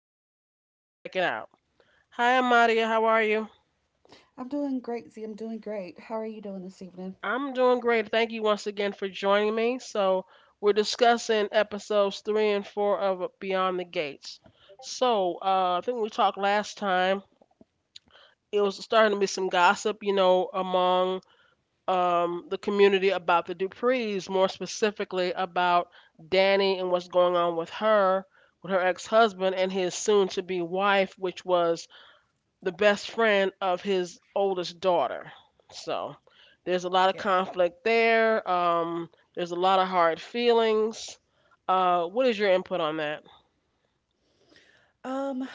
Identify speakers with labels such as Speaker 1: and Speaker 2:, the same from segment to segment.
Speaker 1: app. So you need to check it out. Hi, Amadia. How are you?
Speaker 2: I'm doing great, Z. I'm doing great. How are you doing this evening?
Speaker 1: I'm doing great. Thank you once again for joining me. So, we're discussing episodes three and four of Beyond the Gates. So, I think we talked last time. It was starting to be some gossip, among the community about the Duprees, more specifically about Danny and what's going on with her ex husband and his soon to be wife, which was the best friend of his oldest daughter. So there's a lot of
Speaker 2: Yes.
Speaker 1: conflict there. There's a lot of hard feelings. What is your input on that?
Speaker 2: Um,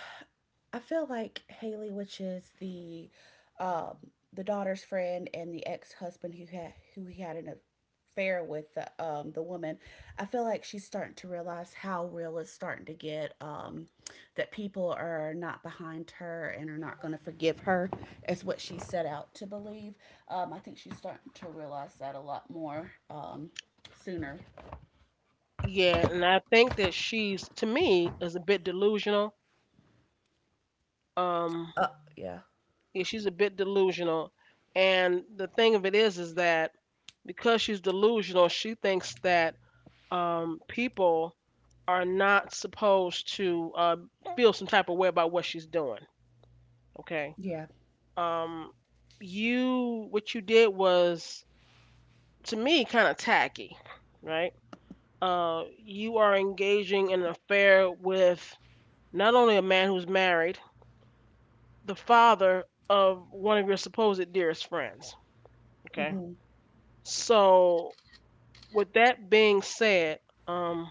Speaker 2: I feel like Haley, which is um the daughter's friend and the ex-husband who he had an affair with the woman. I feel like she's starting to realize how real it's starting to get. That people are not behind her and are not going to forgive her, is what she set out to believe. I think she's starting to realize that a lot more, sooner.
Speaker 1: Yeah, and I think that she's to me is a bit delusional. Um,
Speaker 2: Uh, yeah.
Speaker 1: yeah, she's a bit delusional, and the thing of it is that because she's delusional, she thinks that people are not supposed to feel some type of way about what she's doing. Okay.
Speaker 2: Yeah.
Speaker 1: um you what you did was to me kind of tacky, right. You are engaging in an affair with not only a man who's married, the father of one of your supposed dearest friends, okay.
Speaker 2: Hmm.
Speaker 1: So with that being said, um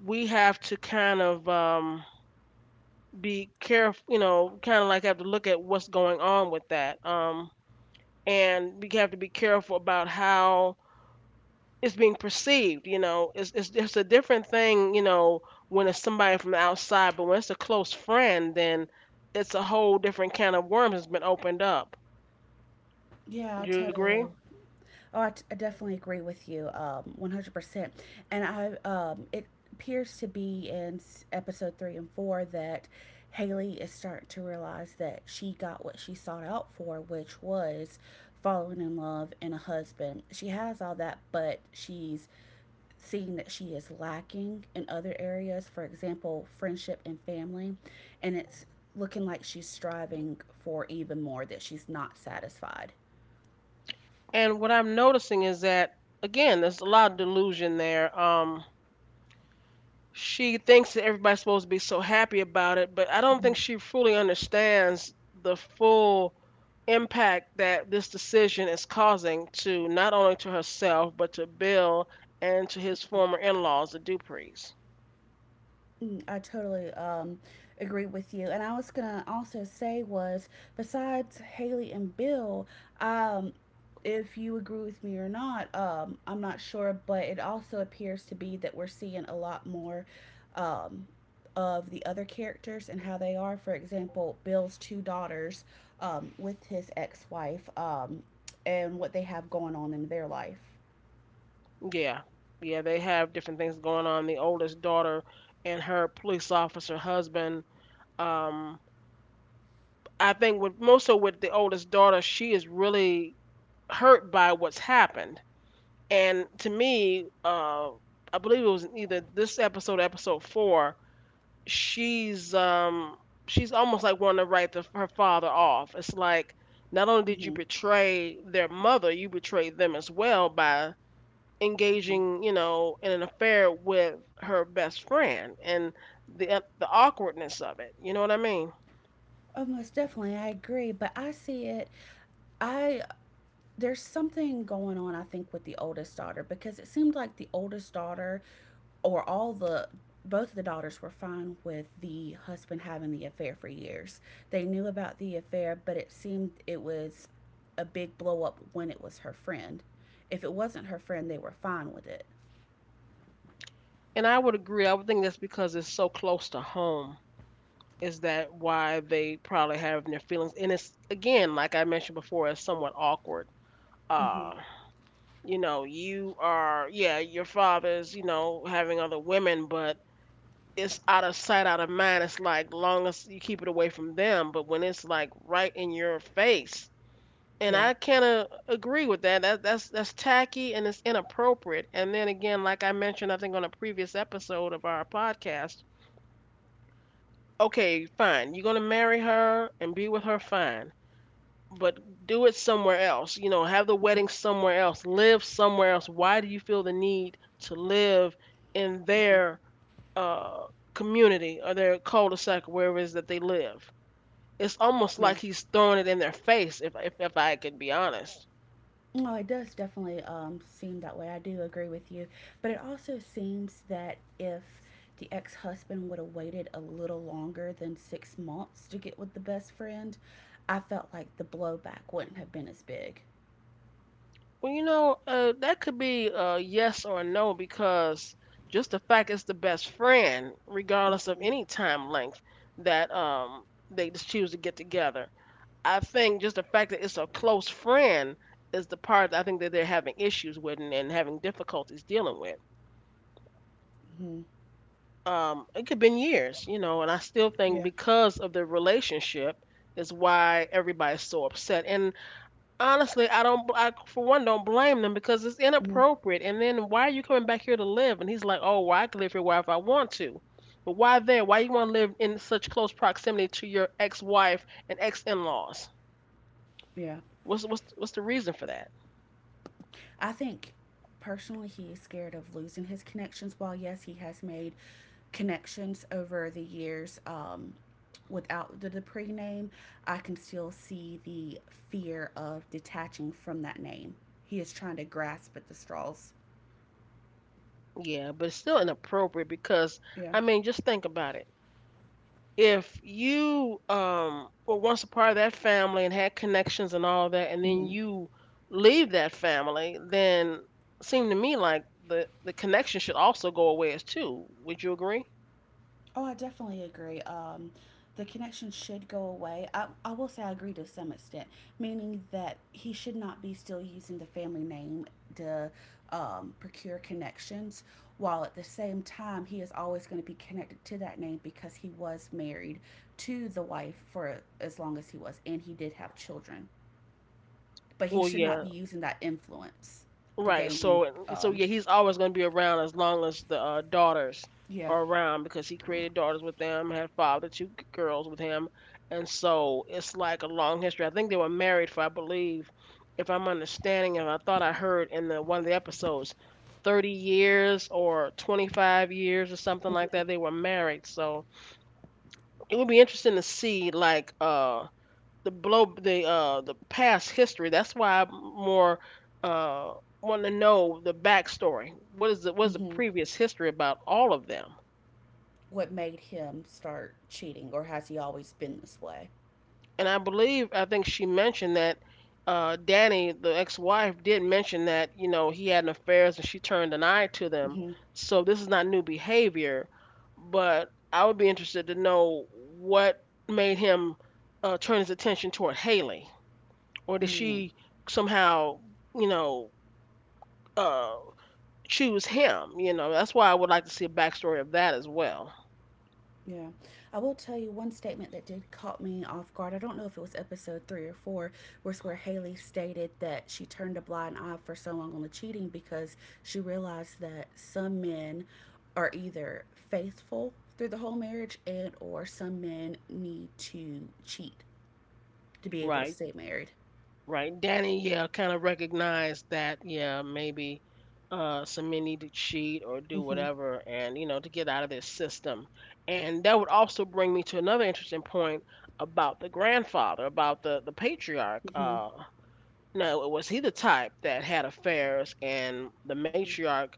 Speaker 1: we have to kind of be careful, kind of like have to look at what's going on with that, and we have to be careful about how it's being perceived. It's it's a different thing, when it's somebody from the outside, but when it's a close friend, then it's a whole different can of worms has been opened up.
Speaker 2: Yeah, I
Speaker 1: Do you agree?
Speaker 2: totally. Oh, I definitely agree with you. 100%. And it appears to be in episode three and four that Haley is starting to realize that she got what she sought out for, which was falling in love and a husband. She has all that, but she's seeing that she is lacking in other areas, for example, friendship and family, and it's looking like she's striving for even more, that she's not satisfied.
Speaker 1: And what I'm noticing is that again there's a lot of delusion there. She thinks that everybody's supposed to be so happy about it, but I don't
Speaker 2: Mhm.
Speaker 1: think she fully understands the full impact that this decision is causing to not only to herself but to Bill and to his former in-laws, the Duprees.
Speaker 2: I totally agree with you. And I was going to also say was besides Haley and Bill, um, if you agree with me or not, I'm not sure, but it also appears to be that we're seeing a lot more um, of the other characters and how they are. For example, Bill's two daughters with his ex-wife, and what they have going on in their life.
Speaker 1: Yeah, yeah, they have different things going on. The oldest daughter and her police officer husband. Um, I think with most, so with the oldest daughter, she is really hurt by what's happened. And to me, I believe it was either this episode, or episode four. She's um, she's almost like wanting to write her father off. It's like not only did you
Speaker 2: Mm-hmm.
Speaker 1: betray their mother, you betrayed them as well by
Speaker 2: Mm-hmm.
Speaker 1: engaging, you know, in an affair with her best friend and the awkwardness of it. You know what I mean?
Speaker 2: Oh, most definitely, I agree. But I see it. I There's something going on, I think, with the oldest daughter, because it seemed like the oldest daughter, or all the both of the daughters, were fine with the husband having the affair for years. They knew about the affair, but it seemed it was a big blow up when it was her friend. If it wasn't her friend, they were fine with it.
Speaker 1: And I would agree. I would think that's because it's so close to home. Is that why they probably have their feelings? And it's again, like I mentioned before, it's somewhat awkward.
Speaker 2: Hmm.
Speaker 1: Uh, you know, you are, yeah, your father's, you know, having other women, but it's out of sight, out of mind. It's like long as you keep it away from them, but when it's like right in your face, and
Speaker 2: Yeah.
Speaker 1: I kind of agree with that. That's that's tacky and it's inappropriate. And then again, like I mentioned, I think on a previous episode of our podcast, okay, fine, you're gonna marry her and be with her, fine. But do it somewhere else. You know, have the wedding somewhere else. Live somewhere else. Why do you feel the need to live in
Speaker 2: Mhm.
Speaker 1: their uh, community or their cul-de-sac, wherever it is that they live? It's almost
Speaker 2: Yeah.
Speaker 1: like he's throwing it in their face. If I could be honest.
Speaker 2: No, it does definitely seem that way. I do agree with you. But it also seems that if the ex husband would have waited a little longer than 6 months to get with the best friend, I felt like the blowback wouldn't have been as big.
Speaker 1: Well, you know, that could be a yes or a no because just the fact it's the best friend, regardless of
Speaker 2: Hmm.
Speaker 1: any time length, that they just choose to get together. I think just the fact that it's a close friend is the part that I think that they're having issues with, and having difficulties dealing with.
Speaker 2: Hmm.
Speaker 1: It could have been years, you know, and I still think
Speaker 2: Yeah.
Speaker 1: because of the relationship is why everybody's so upset. And honestly, I for one don't blame them because it's
Speaker 2: Hmm.
Speaker 1: inappropriate. And then why are you coming back here to live? And he's like, oh, well, I can live here where if I want to. But why there? Why you want to live in such close proximity to your ex-wife and ex-in-laws?
Speaker 2: Yeah.
Speaker 1: What's what's the reason for that?
Speaker 2: I think personally he is scared of losing his connections. While yes, he has made connections over the years, without the Dupree name, I can still see the fear of detaching from that name. He is trying to grasp at the straws.
Speaker 1: Yeah, but it's still inappropriate because
Speaker 2: Yeah.
Speaker 1: I mean, just think about it. If you were once a part of that family and had connections and all that, and then
Speaker 2: Hmm.
Speaker 1: you leave that family, then seem to me like the connection should also go away as too. Would you agree?
Speaker 2: Oh, I definitely agree. The connection should go away. I will say I agree to some extent, meaning that he should not be still using the family name to procure connections, while at the same time, he is always going to be connected to that name because he was married to the wife for as long as he was, and he did have children. But he
Speaker 1: Well,
Speaker 2: should not
Speaker 1: yeah,
Speaker 2: be using that influence to
Speaker 1: right.
Speaker 2: gain new.
Speaker 1: So
Speaker 2: Um,
Speaker 1: yeah, he's always going to be around as long as the daughters
Speaker 2: yeah.
Speaker 1: are around because he created daughters with them, had fathered two girls with him, and so it's like a long history. I think they were married for, I believe, if I'm understanding, and I thought I heard in the one of the episodes, 30 years or 25 years or something like that. They were married, so it would be interesting to see like the past history. That's why I more uh want to know the backstory. What is the
Speaker 2: hmm
Speaker 1: previous history about all of them?
Speaker 2: what made him start cheating, or has he always been this way?
Speaker 1: And I believe I think she mentioned that Danny, the ex-wife, did mention that you know he had an affairs and she turned an eye to them.
Speaker 2: Hmm.
Speaker 1: So this is not new behavior, but I would be interested to know what made him turn his attention toward Haley, or did
Speaker 2: Mm,
Speaker 1: she somehow, you know, uh, choose him. You know, that's why I would like to see a backstory of that as well.
Speaker 2: yeah. I will tell you one statement that did caught me off guard. I don't know if it was episode three or four, was where Haley stated that she turned a blind eye for so long on the cheating because she realized that some men are either faithful through the whole marriage and or some men need to cheat to be able to
Speaker 1: Right,
Speaker 2: stay married.
Speaker 1: right. Danny, yeah, kind of recognized that, yeah, maybe Samir need to cheat or do
Speaker 2: Hmm.
Speaker 1: whatever, and you know, to get out of their system. And that would also bring me to another interesting point about the grandfather, about the patriarch.
Speaker 2: Hmm.
Speaker 1: Now, was he the type that had affairs, and the
Speaker 2: Hmm.
Speaker 1: matriarch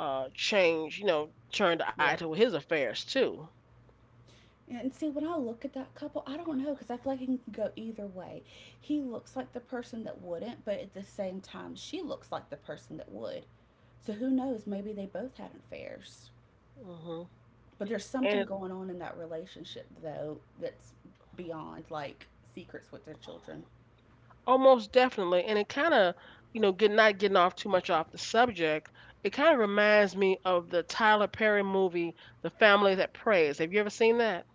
Speaker 1: changed, you know, turned the eye
Speaker 2: Yeah.
Speaker 1: to his affairs too?
Speaker 2: And see, when I look at that couple, I don't know, because I feel like it can go either way. He looks like the person that wouldn't, but at the same time, she looks like the person that would. So who knows? Maybe they both had affairs.
Speaker 1: Hmm.
Speaker 2: But there's something
Speaker 1: And
Speaker 2: going on in that relationship, though, that's beyond like secrets with their children.
Speaker 1: oh, most definitely. And it kind of, you know, get not getting off too much off the subject. It kind of reminds me of the Tyler Perry movie, The Family That Prays. Have you ever seen that?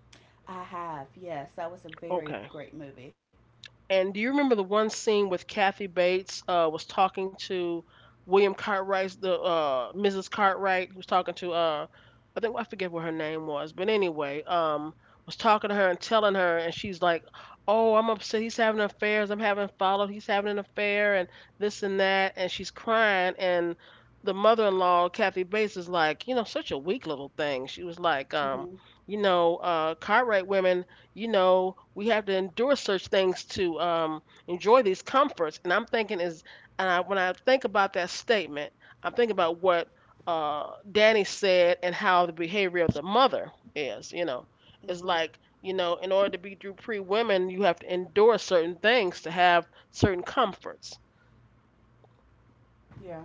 Speaker 2: I have, yes. That was a very
Speaker 1: Okay.
Speaker 2: great movie.
Speaker 1: And do you remember the one scene with Kathy Bates was talking to William Cartwright's the Mrs. Cartwright was talking to I think I forget what her name was, but anyway, was talking to her and telling her, and she's like, "Oh, I'm upset. He's having affairs. I'm having followed. He's having an affair, and this and that." And she's crying, and the mother-in-law, Kathy Bates, is like, "You know, such a weak little thing." She was like,
Speaker 2: Hmm.
Speaker 1: "You know, Cartwright women." You know, we have to endure such things to enjoy these comforts. And I'm thinking is, and I, when I think about that statement, I'm thinking about what Danny said and how the behavior of the mother is, you know, it's
Speaker 2: Hmm.
Speaker 1: like, you know, in order to be Drew Pre women, you have to endure certain things to have certain comforts.
Speaker 2: Yeah.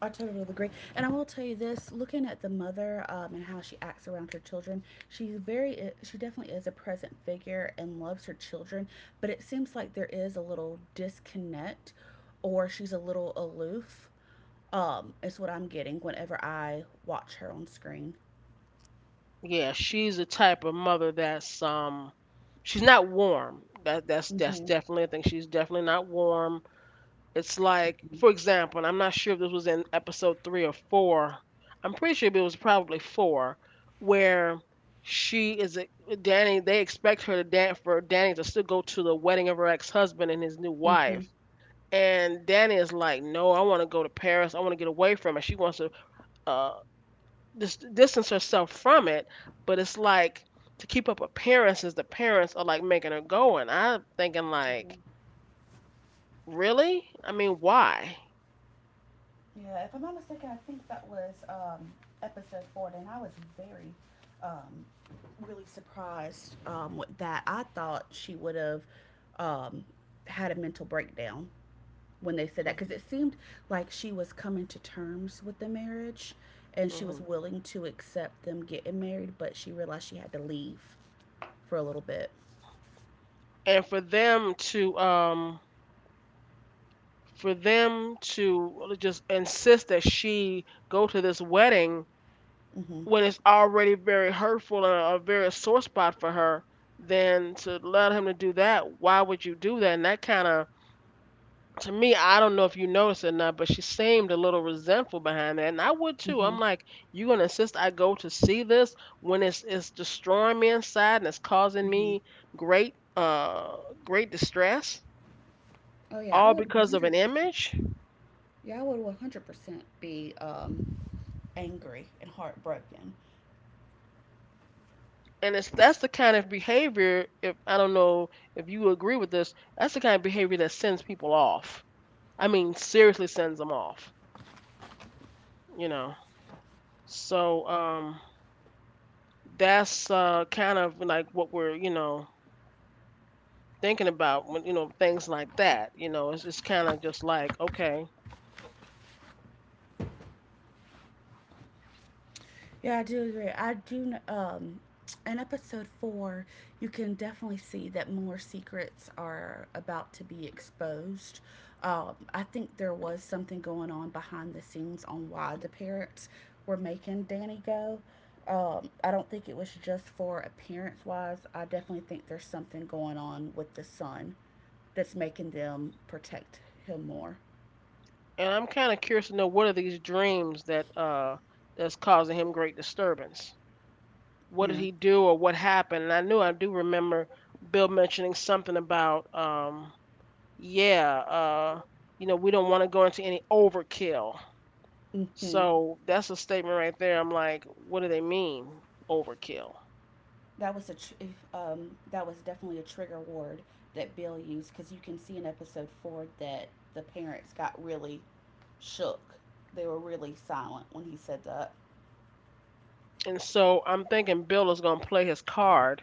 Speaker 2: I totally agree. And I will tell you this, looking at the mother and how she acts around her children, she's very, she definitely is a present figure and loves her children. But it seems like there is a little disconnect, or she's a little aloof, is what I'm getting whenever I watch her on screen.
Speaker 1: Yeah, she's a type of mother that's she's not warm. That's
Speaker 2: Mm-hmm.
Speaker 1: definitely, I think she's definitely not warm. It's like,
Speaker 2: Mm-hmm.
Speaker 1: for example, and I'm not sure if this was in episode three or four. I'm pretty sure it was probably four, where she is a, Danny. They expect her to dance for Danny to still go to the wedding of her ex-husband and his new wife. And Danny is like, no, I want to go to Paris. I want to get away from it. She wants to uh, distance herself from it. But it's like to keep up appearances, the parents are like making her go, and I'm thinking like,
Speaker 2: Mhm.
Speaker 1: really? I mean, why?
Speaker 2: Yeah, if I'm not mistaken, I think that was episode four, and I was very, um, really surprised with that. I thought she would have um, had a mental breakdown when they said that, because it seemed like she was coming to terms with the marriage and she was
Speaker 1: Mhm.
Speaker 2: willing to accept them getting married, but she realized she had to leave for a little bit.
Speaker 1: And for them to just insist that she go to this wedding
Speaker 2: Mm-hmm.
Speaker 1: when it's already very hurtful and a very sore spot for her, then to allow him to do that. Why would you do that? And that kind of, to me, I don't know if you noticed it or not, but she seemed a little resentful behind that, and I would too.
Speaker 2: Mm-hmm.
Speaker 1: I'm like, you gonna insist I go to see this when it's destroying me inside and it's causing
Speaker 2: Mm-hmm.
Speaker 1: me great great distress,
Speaker 2: Oh yeah, I
Speaker 1: all
Speaker 2: would
Speaker 1: because of an
Speaker 2: 100%.
Speaker 1: image.
Speaker 2: Yeah, I would 100% be angry and heartbroken.
Speaker 1: And it's, that's the kind of behavior, if I don't know if you agree with this, that's the kind of behavior that sends people off. I mean, seriously sends them off, you know so um that's kind of like what we're, thinking about when, things like that, it's kind of just like okay.
Speaker 2: Yeah, I do agree. I do. In episode four, you can definitely see that more secrets are about to be exposed. I think there was something going on behind the scenes on why the parents were making Danny go. I don't think it was just for appearance wise. I definitely think there's something going on with the son that's making them protect him more.
Speaker 1: And I'm kind of curious to know, what are these dreams that that's causing him great disturbance? What did
Speaker 2: Yeah.
Speaker 1: he do or what happened? And I knew, I do remember Bill mentioning something about yeah, you know, we don't want to go into any overkill.
Speaker 2: Mm-hmm.
Speaker 1: So that's a statement right there. I'm like, what do they mean overkill?
Speaker 2: that was a tr- that was definitely a trigger word that Bill used, because you can see in episode four that the parents got really shook. They were really silent when he said that.
Speaker 1: And so I'm thinking Bill is going to play his card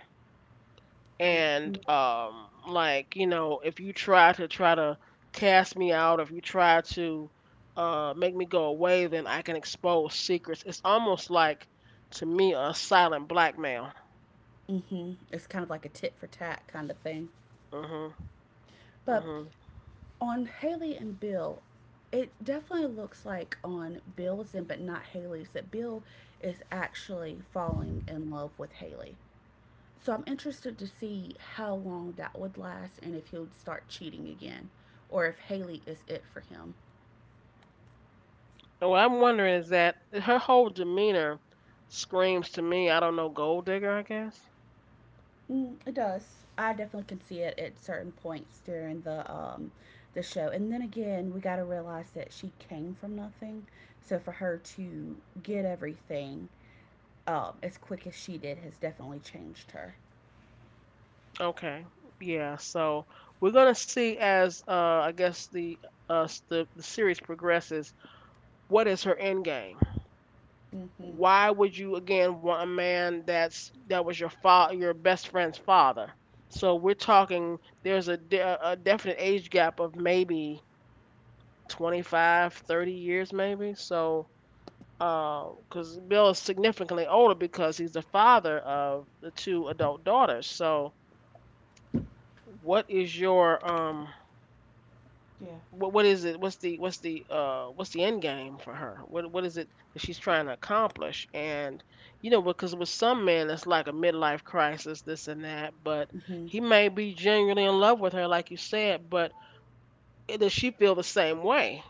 Speaker 2: Mm-hmm.
Speaker 1: and like, you know, if you try to cast me out, if you try to make me go away, then I can expose secrets. It's almost like, to me, a silent blackmail.
Speaker 2: Mm-hmm. It's kind of like a tit for tat kind of thing.
Speaker 1: Mhm.
Speaker 2: But
Speaker 1: Mhm.
Speaker 2: on Haley and Bill, it definitely looks like on Bill's end, but not Haley's, that Bill is actually falling in love with Haley. So I'm interested to see how long that would last, and if he'll start cheating again or if Haley is it for him.
Speaker 1: And what I'm wondering is that her whole demeanor screams to me, I don't know, gold digger, I guess.
Speaker 2: It does. I definitely can see it at certain points during the show. And then again, we got to realize that she came from nothing. So for her to get everything as quick as she did has definitely changed her.
Speaker 1: Okay, yeah. So we're gonna see as I guess the the series progresses, what is her end game?
Speaker 2: Mhm.
Speaker 1: Why would you again want a man that's, that was your your best friend's father? So we're talking, there's a a definite age gap of maybe 25, 30 years maybe. So, because Bill is significantly older, because he's the father of the two adult daughters. So what is your
Speaker 2: Yeah.
Speaker 1: what is it? What's the, what's the what's the end game for her? What is it that she's trying to accomplish? And you know, because with some men, it's like a midlife crisis, this and that. But
Speaker 2: Mhm.
Speaker 1: he may be genuinely in love with her, like you said. But does she feel the same way?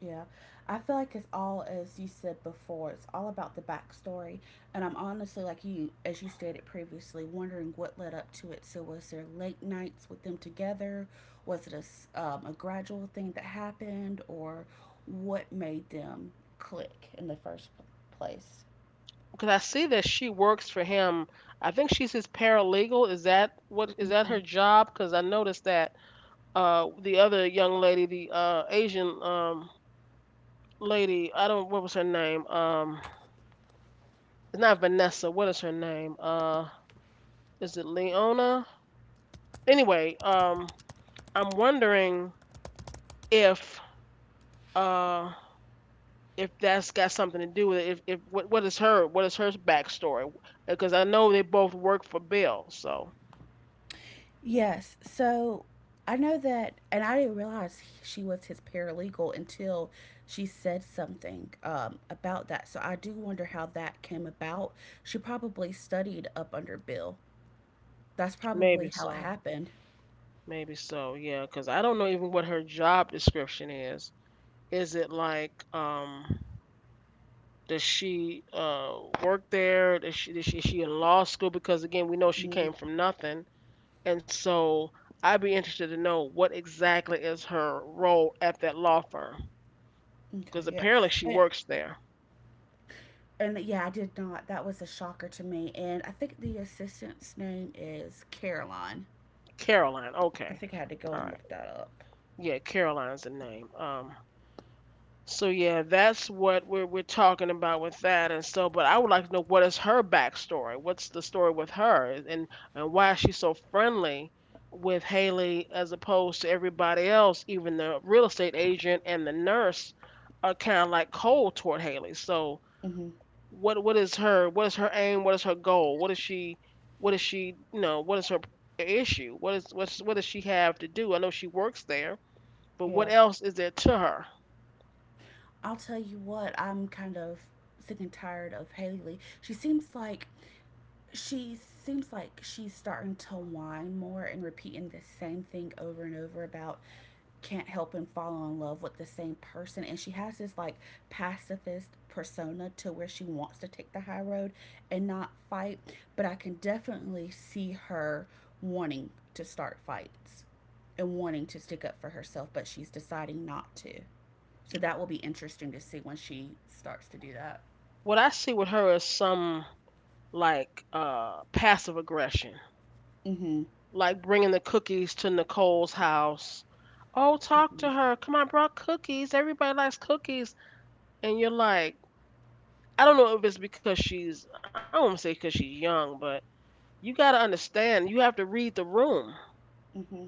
Speaker 2: Yeah, I feel like it's all as you said before. It's all about the backstory, and I'm honestly like you, as you stated previously, wondering what led up to it. So was there late nights with them together? Was it a gradual thing that happened, or what made them click in the first place?
Speaker 1: Because I see that she works for him. I think she's his paralegal. Is that what, is that
Speaker 2: Mm-hmm.
Speaker 1: her job? Because I noticed that the other young lady, the Asian lady, I don't, what was her name? It's not Vanessa. What is her name? Is it Leona? Anyway, I'm wondering if uh if that's got something to do with it. If what, what is her, what is her backstory? Because I know they both work for Bill. So
Speaker 2: Yes. So I know that, and I didn't realize she was his paralegal until she said something about that. So I do wonder how that came about. She probably studied up under Bill. That's probably
Speaker 1: maybe
Speaker 2: how it
Speaker 1: so,
Speaker 2: happened.
Speaker 1: maybe so. Yeah, because I don't know even what her job description is. Is it like? Does she work there? Is she in law school? Because again, we know she
Speaker 2: Mhm.
Speaker 1: came from nothing. And so I'd be interested to know what exactly is her role at that law firm,
Speaker 2: Okay.
Speaker 1: because
Speaker 2: Yeah.
Speaker 1: apparently she
Speaker 2: And,
Speaker 1: works there.
Speaker 2: and yeah, I did not. That was a shocker to me. And I think the assistant's name is Caroline.
Speaker 1: Caroline,
Speaker 2: I
Speaker 1: okay.
Speaker 2: think I had to go
Speaker 1: All
Speaker 2: and
Speaker 1: right.
Speaker 2: look that up.
Speaker 1: Yeah, Caroline's the name. So yeah, that's what we're talking about with that. And so, but I would like to know, what is her backstory? What's the story with her? And why is she so friendly with Haley, as opposed to everybody else? Even the real estate agent and the nurse are kind of like cold toward Haley. So
Speaker 2: Hmm.
Speaker 1: what is her, what is her aim? What is her goal? What is she, what is she, you know, what is her issue? What is, what's, what does she have to do? I know she works there, but what
Speaker 2: Yeah.
Speaker 1: else is there to her?
Speaker 2: I'll tell you what, I'm kind of sick and tired of Haley. She seems like she's starting to whine more and repeating the same thing over and over about can't help and fall in love with the same person, and she has this like pacifist persona, to where she wants to take the high road and not fight, but I can definitely see her wanting to start fights and wanting to stick up for herself, but she's deciding not to. So that will be interesting to see when she starts to do that.
Speaker 1: What I see with her is some like passive aggression,
Speaker 2: Mm-hmm.
Speaker 1: like bringing the cookies to Nicole's house. Oh, talk
Speaker 2: Mm-hmm.
Speaker 1: to her. Come on, I brought cookies. Everybody likes cookies. And you're like, I don't know if it's because she's, I don't want to say because she's young, but you got to understand, you have to read the room.
Speaker 2: Mm-hmm.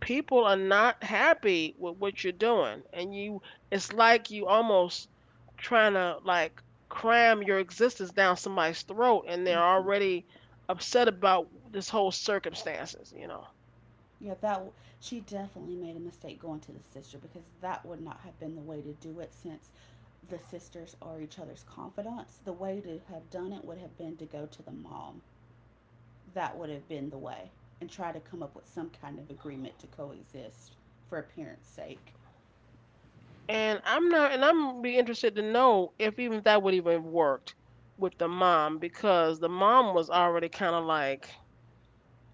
Speaker 1: People are not happy with what you're doing, and you, it's like you almost trying to like cram your existence down somebody's throat, and they're
Speaker 2: Mm-hmm.
Speaker 1: already upset about this whole circumstances, you know.
Speaker 2: Yeah, she definitely made a mistake going to the sister, because that would not have been the way to do it, since the sisters are each other's confidants. The way to have done it would have been to go to the mom. That would have been the way, and try to come up with some kind of agreement to coexist for appearance sake.
Speaker 1: And I'm not, and I'm, be interested to know if even that would even worked with the mom, because the mom was already kind of like,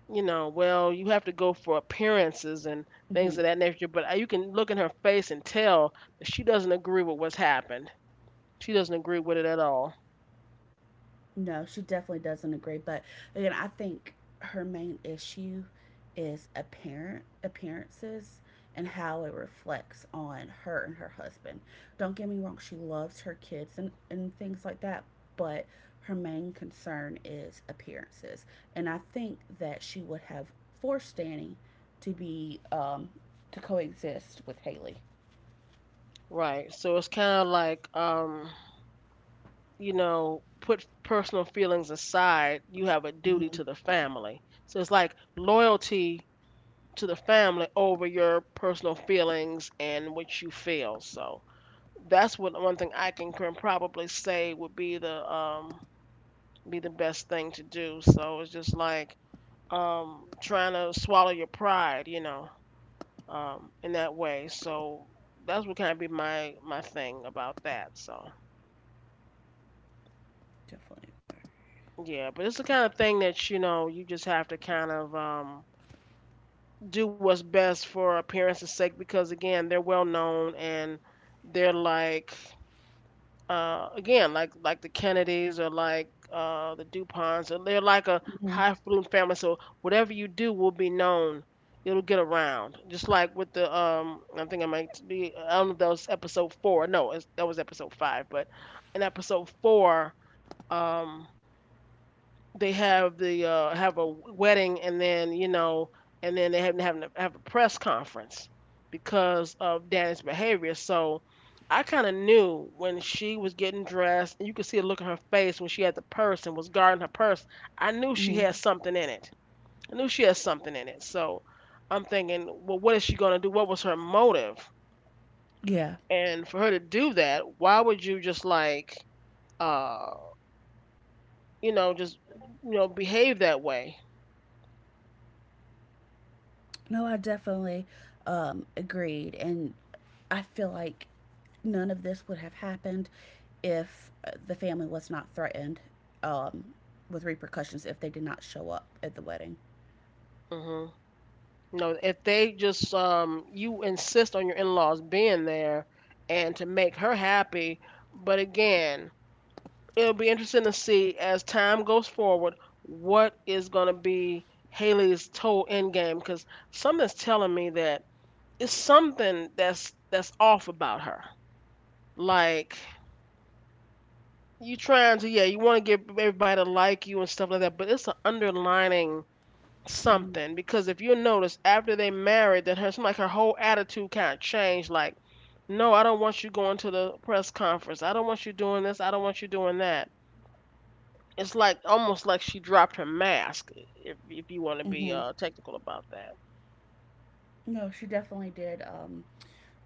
Speaker 1: you know, well, you have to go for appearances and things
Speaker 2: Mm-hmm.
Speaker 1: of that nature, but you can look in her face and tell that she doesn't agree with what's happened. She doesn't agree with it at all.
Speaker 2: No, she definitely doesn't agree. But again, I think her main issue is apparent appearances and how it reflects on her and her husband. Don't get me wrong, she loves her kids, and things like that, but her main concern is appearances. And I think that she would have forced Danny to be to coexist with Haley.
Speaker 1: Right. So it's kind of like, you know, put personal feelings aside. You have a duty
Speaker 2: Mm-hmm.
Speaker 1: to the family. So it's like loyalty to the family over your personal feelings and what you feel. So that's what, one thing I can, probably say, would be the best thing to do. So it's just like trying to swallow your pride, you know, in that way. So that's what kind of be my, my thing about that. So
Speaker 2: Definitely.
Speaker 1: yeah, but it's the kind of thing that, you know, you just have to kind of do what's best for appearance's sake, because again they're well known, and they're like again, like the Kennedys or like the Duponts, or they're like a
Speaker 2: Mm-hmm.
Speaker 1: high flume family. So whatever you do will be known. It'll get around. Just like with the I think I might be, I don't know if that was episode four. No, it's, that was episode 5. But in episode 4, um, they have the have a wedding, and then you know, and then they have, having to have a press conference because of Danny's behavior. So I kind of knew when she was getting dressed, and you could see the look on her face when she had the purse and was guarding her purse. I knew she
Speaker 2: Mm-hmm.
Speaker 1: had something in it. I knew she had something in it. So I'm thinking, well, what is she gonna do? What was her motive?
Speaker 2: Yeah.
Speaker 1: And for her to do that, why would you just like, uh, you know, just, you know, behave that way?
Speaker 2: No, I definitely agreed. And I feel like none of this would have happened if the family was not threatened um, with repercussions if they did not show up at the wedding.
Speaker 1: Hmm. No, if they just you insist on your in-laws being there and to make her happy. But again, it'll be interesting to see as time goes forward what is going to be Haley's total end game. Cuz something's telling me that it's something that's off about her. Like, you trying to, yeah, you want to get everybody to like you and stuff like that, but it's an underlining
Speaker 2: Hmm.
Speaker 1: something. Because if you notice, after they married, that her, seemed like her whole attitude kind of changed. Like, no, I don't want you going to the press conference, I don't want you doing this, I don't want you doing that. It's like, almost like she dropped her mask, if you want to be
Speaker 2: Hmm.
Speaker 1: technical about that.
Speaker 2: No, she definitely did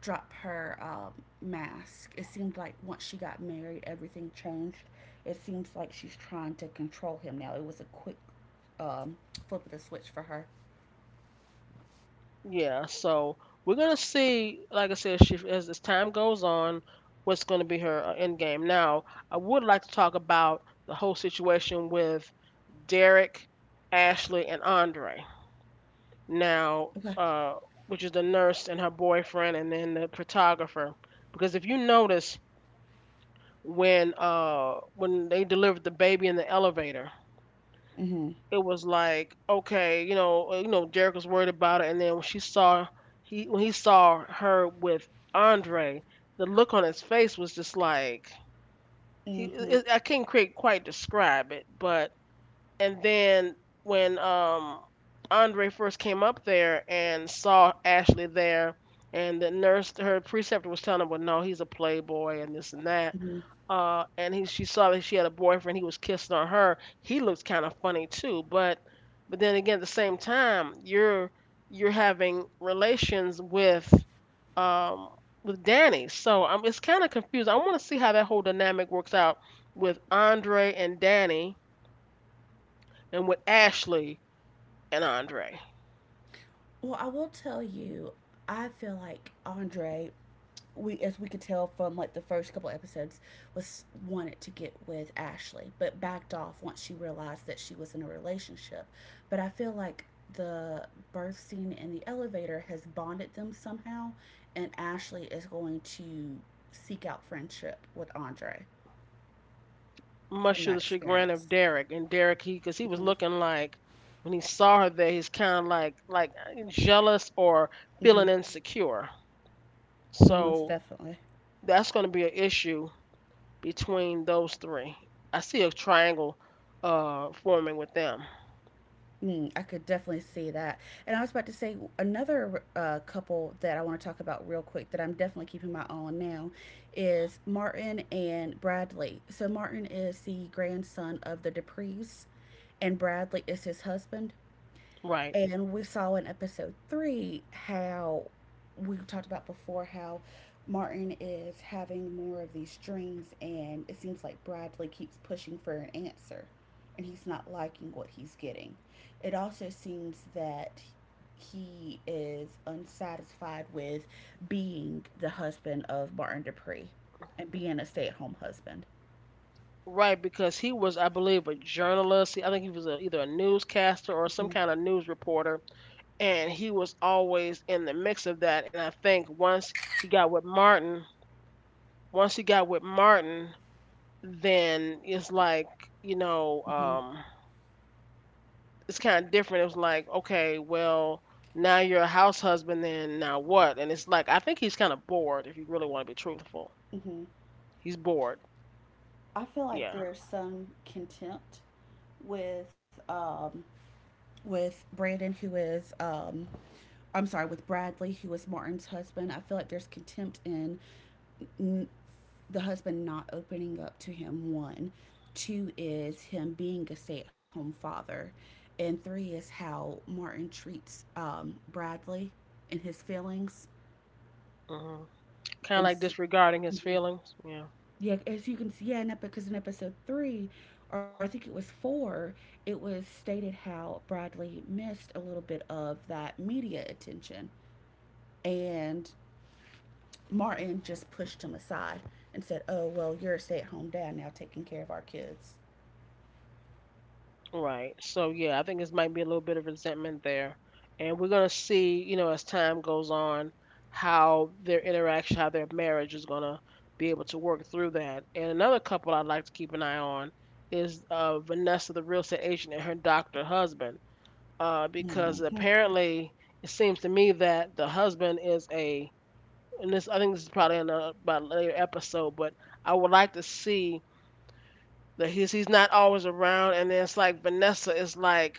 Speaker 2: drop her mask. It seemed like once she got married, everything changed. It seems like she's trying to control him now. It was a quick um, flip of the switch for her.
Speaker 1: Yeah, so we're gonna see, like I said, she, as time goes on, what's gonna be her end game. Now I would like to talk about the whole situation with Derek, Ashley and Andre now.
Speaker 2: Okay.
Speaker 1: uh, which is the nurse and her boyfriend, and then the photographer. Because if you notice, when when they delivered the baby in the elevator,
Speaker 2: Mm-hmm.
Speaker 1: it was like, okay, you know, Derek was worried about it. And then when she saw, he, when he saw her with Andre, the look on his face was just like, he,
Speaker 2: Mm-hmm.
Speaker 1: it, I can't quite describe it. But and then when Andre first came up there and saw Ashley there, and the nurse, her preceptor was telling him, "Well, no, he's a playboy and this and that." And he, she saw that she had a boyfriend. He was kissing on her. He looked kind of funny too. But then again, at the same time, you're having relations um with Danny. So it's kind of confused. I want to see how that whole dynamic works out with Andre and Danny, and with Ashley and Andre,
Speaker 2: Well, I will tell you, I feel like Andre, we as we could tell from like the first couple episodes, was wanted to get with Ashley, but backed off once she realized that she was in a relationship. But I feel like the birth scene in the elevator has bonded them somehow, and Ashley is going to seek out friendship with Andre from
Speaker 1: much to
Speaker 2: that
Speaker 1: the chagrin
Speaker 2: experience.
Speaker 1: of Derek. And Derek, he, because he was
Speaker 2: Mm-hmm.
Speaker 1: looking like, when he saw her there, he's kind of like jealous or
Speaker 2: Mm-hmm.
Speaker 1: feeling insecure.
Speaker 2: Almost
Speaker 1: So
Speaker 2: definitely.
Speaker 1: that's going to be an issue between those three. I see a triangle forming with them.
Speaker 2: I could definitely see that. And I was about to say another couple that I want to talk about real quick, that I'm definitely keeping my eye on now, is Martin and Bradley. So Martin is the grandson of the Duprees, and Bradley is his husband.
Speaker 1: Right.
Speaker 2: And we saw in episode three, how we talked about before, how Martin is having more of these dreams, and it seems like Bradley keeps pushing for an answer, and he's not liking what he's getting. It also seems that he is unsatisfied with being the husband of Martin Dupree and being a stay at home husband.
Speaker 1: Right, because he was, I believe, a journalist. I think he was a, either a newscaster or some
Speaker 2: Hmm.
Speaker 1: kind of news reporter, and he was always in the mix of that. And I think once he got with Martin, once she got with Martin, then it's like, you know,
Speaker 2: Hmm.
Speaker 1: it's kind of different. It was like, okay, well, now you're a house husband, then now what? And it's like, I think he's kind of bored, if you really want to be truthful.
Speaker 2: Hmm.
Speaker 1: He's bored.
Speaker 2: I feel like
Speaker 1: Yeah.
Speaker 2: there's some contempt with um, with Brandon, who is, I'm sorry, with Bradley, who is Martin's husband. I feel like there's contempt in n- the husband not opening up to him. One, two is him being a stay at home father, and three is how Martin treats Bradley and his feelings.
Speaker 1: Hmm, kind of
Speaker 2: And
Speaker 1: like disregarding his
Speaker 2: mhm,
Speaker 1: feelings. Yeah.
Speaker 2: yeah, as you can see, yeah, because in episode three, or I think it was four, it was stated how Bradley missed a little bit of that media attention. And Martin just pushed him aside and said, "Oh, well, you're a stay at home dad now taking care of our kids."
Speaker 1: Right. So yeah, I think this might be a little bit of resentment there, and we're gonna see, you know, as time goes on, how their interaction, how their marriage is gonna be able to work through that. And another couple I'd like to keep an eye on is Vanessa, the real estate agent, and her doctor husband, because
Speaker 2: Mm-hmm.
Speaker 1: apparently it seems to me that the husband is a, and this, I think this is probably in a, about a later episode, but I would like to see that he's not always around, and then it's like Vanessa is like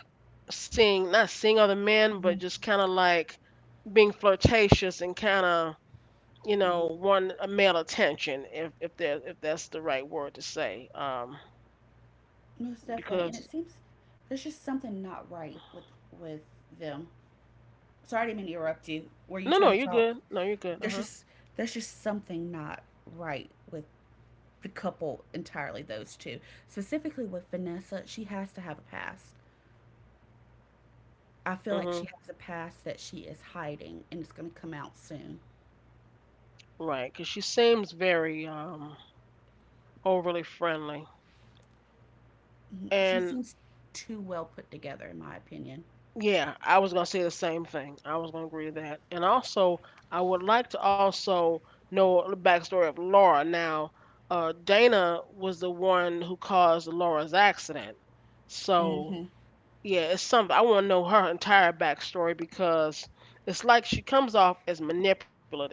Speaker 1: seeing, not seeing other men,
Speaker 2: Hmm.
Speaker 1: but just kind of like being flirtatious and kind of, you
Speaker 2: Hmm.
Speaker 1: know, want a male attention, if there, if that's the right word to say,
Speaker 2: Most definitely. And
Speaker 1: because
Speaker 2: it seems there's just something not right with with them. Sorry, I didn't mean to interrupt you. Were you
Speaker 1: no, no,
Speaker 2: trying to
Speaker 1: you're
Speaker 2: talk?
Speaker 1: good, no, you're good.
Speaker 2: There's
Speaker 1: Uh-huh.
Speaker 2: just there's just something not right with the couple entirely, those two. Specifically with Vanessa, she has to have a past. I feel like she
Speaker 1: Mhm.
Speaker 2: has a past that she is hiding, and it's gonna come out soon.
Speaker 1: Right, cuz she seems very overly friendly.
Speaker 2: Mhm. She
Speaker 1: And
Speaker 2: seems too well put together, in my opinion.
Speaker 1: yeah, I was gonna say the same thing. I was gonna agree to that. And also, I would like to also know the backstory of Laura. Now, Dana was the one who caused Laura's accident. So
Speaker 2: Hmm.
Speaker 1: yeah, it's something I want to know her entire backstory, because it's like she comes off as manipulative,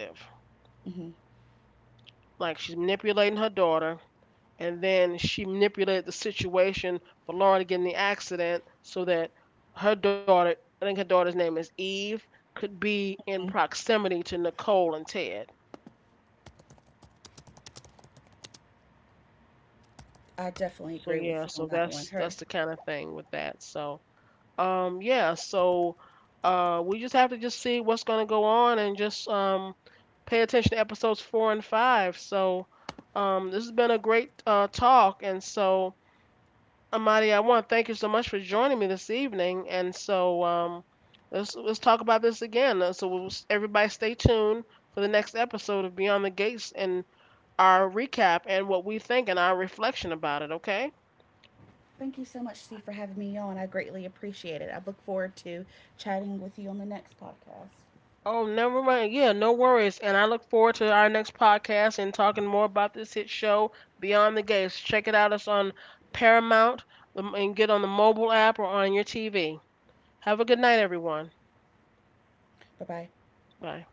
Speaker 2: Hmm.
Speaker 1: like she's manipulating her daughter, and then she manipulated the situation for Lauren to get in the accident so that her daughter, I think her daughter's name is Eve, could be in proximity to Nicole and Ted.
Speaker 2: I definitely
Speaker 1: So
Speaker 2: agree with
Speaker 1: yeah,
Speaker 2: you on
Speaker 1: so
Speaker 2: that one.
Speaker 1: that's
Speaker 2: Her.
Speaker 1: that's the kind of thing with that. So yeah, so we just have to just see what's gonna go on, and just pay attention to episodes 4 and 5. So this has been a great talk. And so, Amadi, I want to thank you so much for joining me this evening. And so, let's talk about this again. So we'll, everybody, stay tuned for the next episode of Beyond the Gates, and our recap and what we think and our reflection about it. Okay?
Speaker 2: Thank you so much, C, for having me on. I greatly appreciate it. I look forward to chatting with you on the next podcast.
Speaker 1: Oh, never mind. Yeah, no worries. And I look forward to our next podcast and talking more about this hit show Beyond the Gates. Check it out. It's on Paramount. And get on the mobile app or on your TV. Have a good night, everyone.
Speaker 2: Bye bye.
Speaker 1: Bye.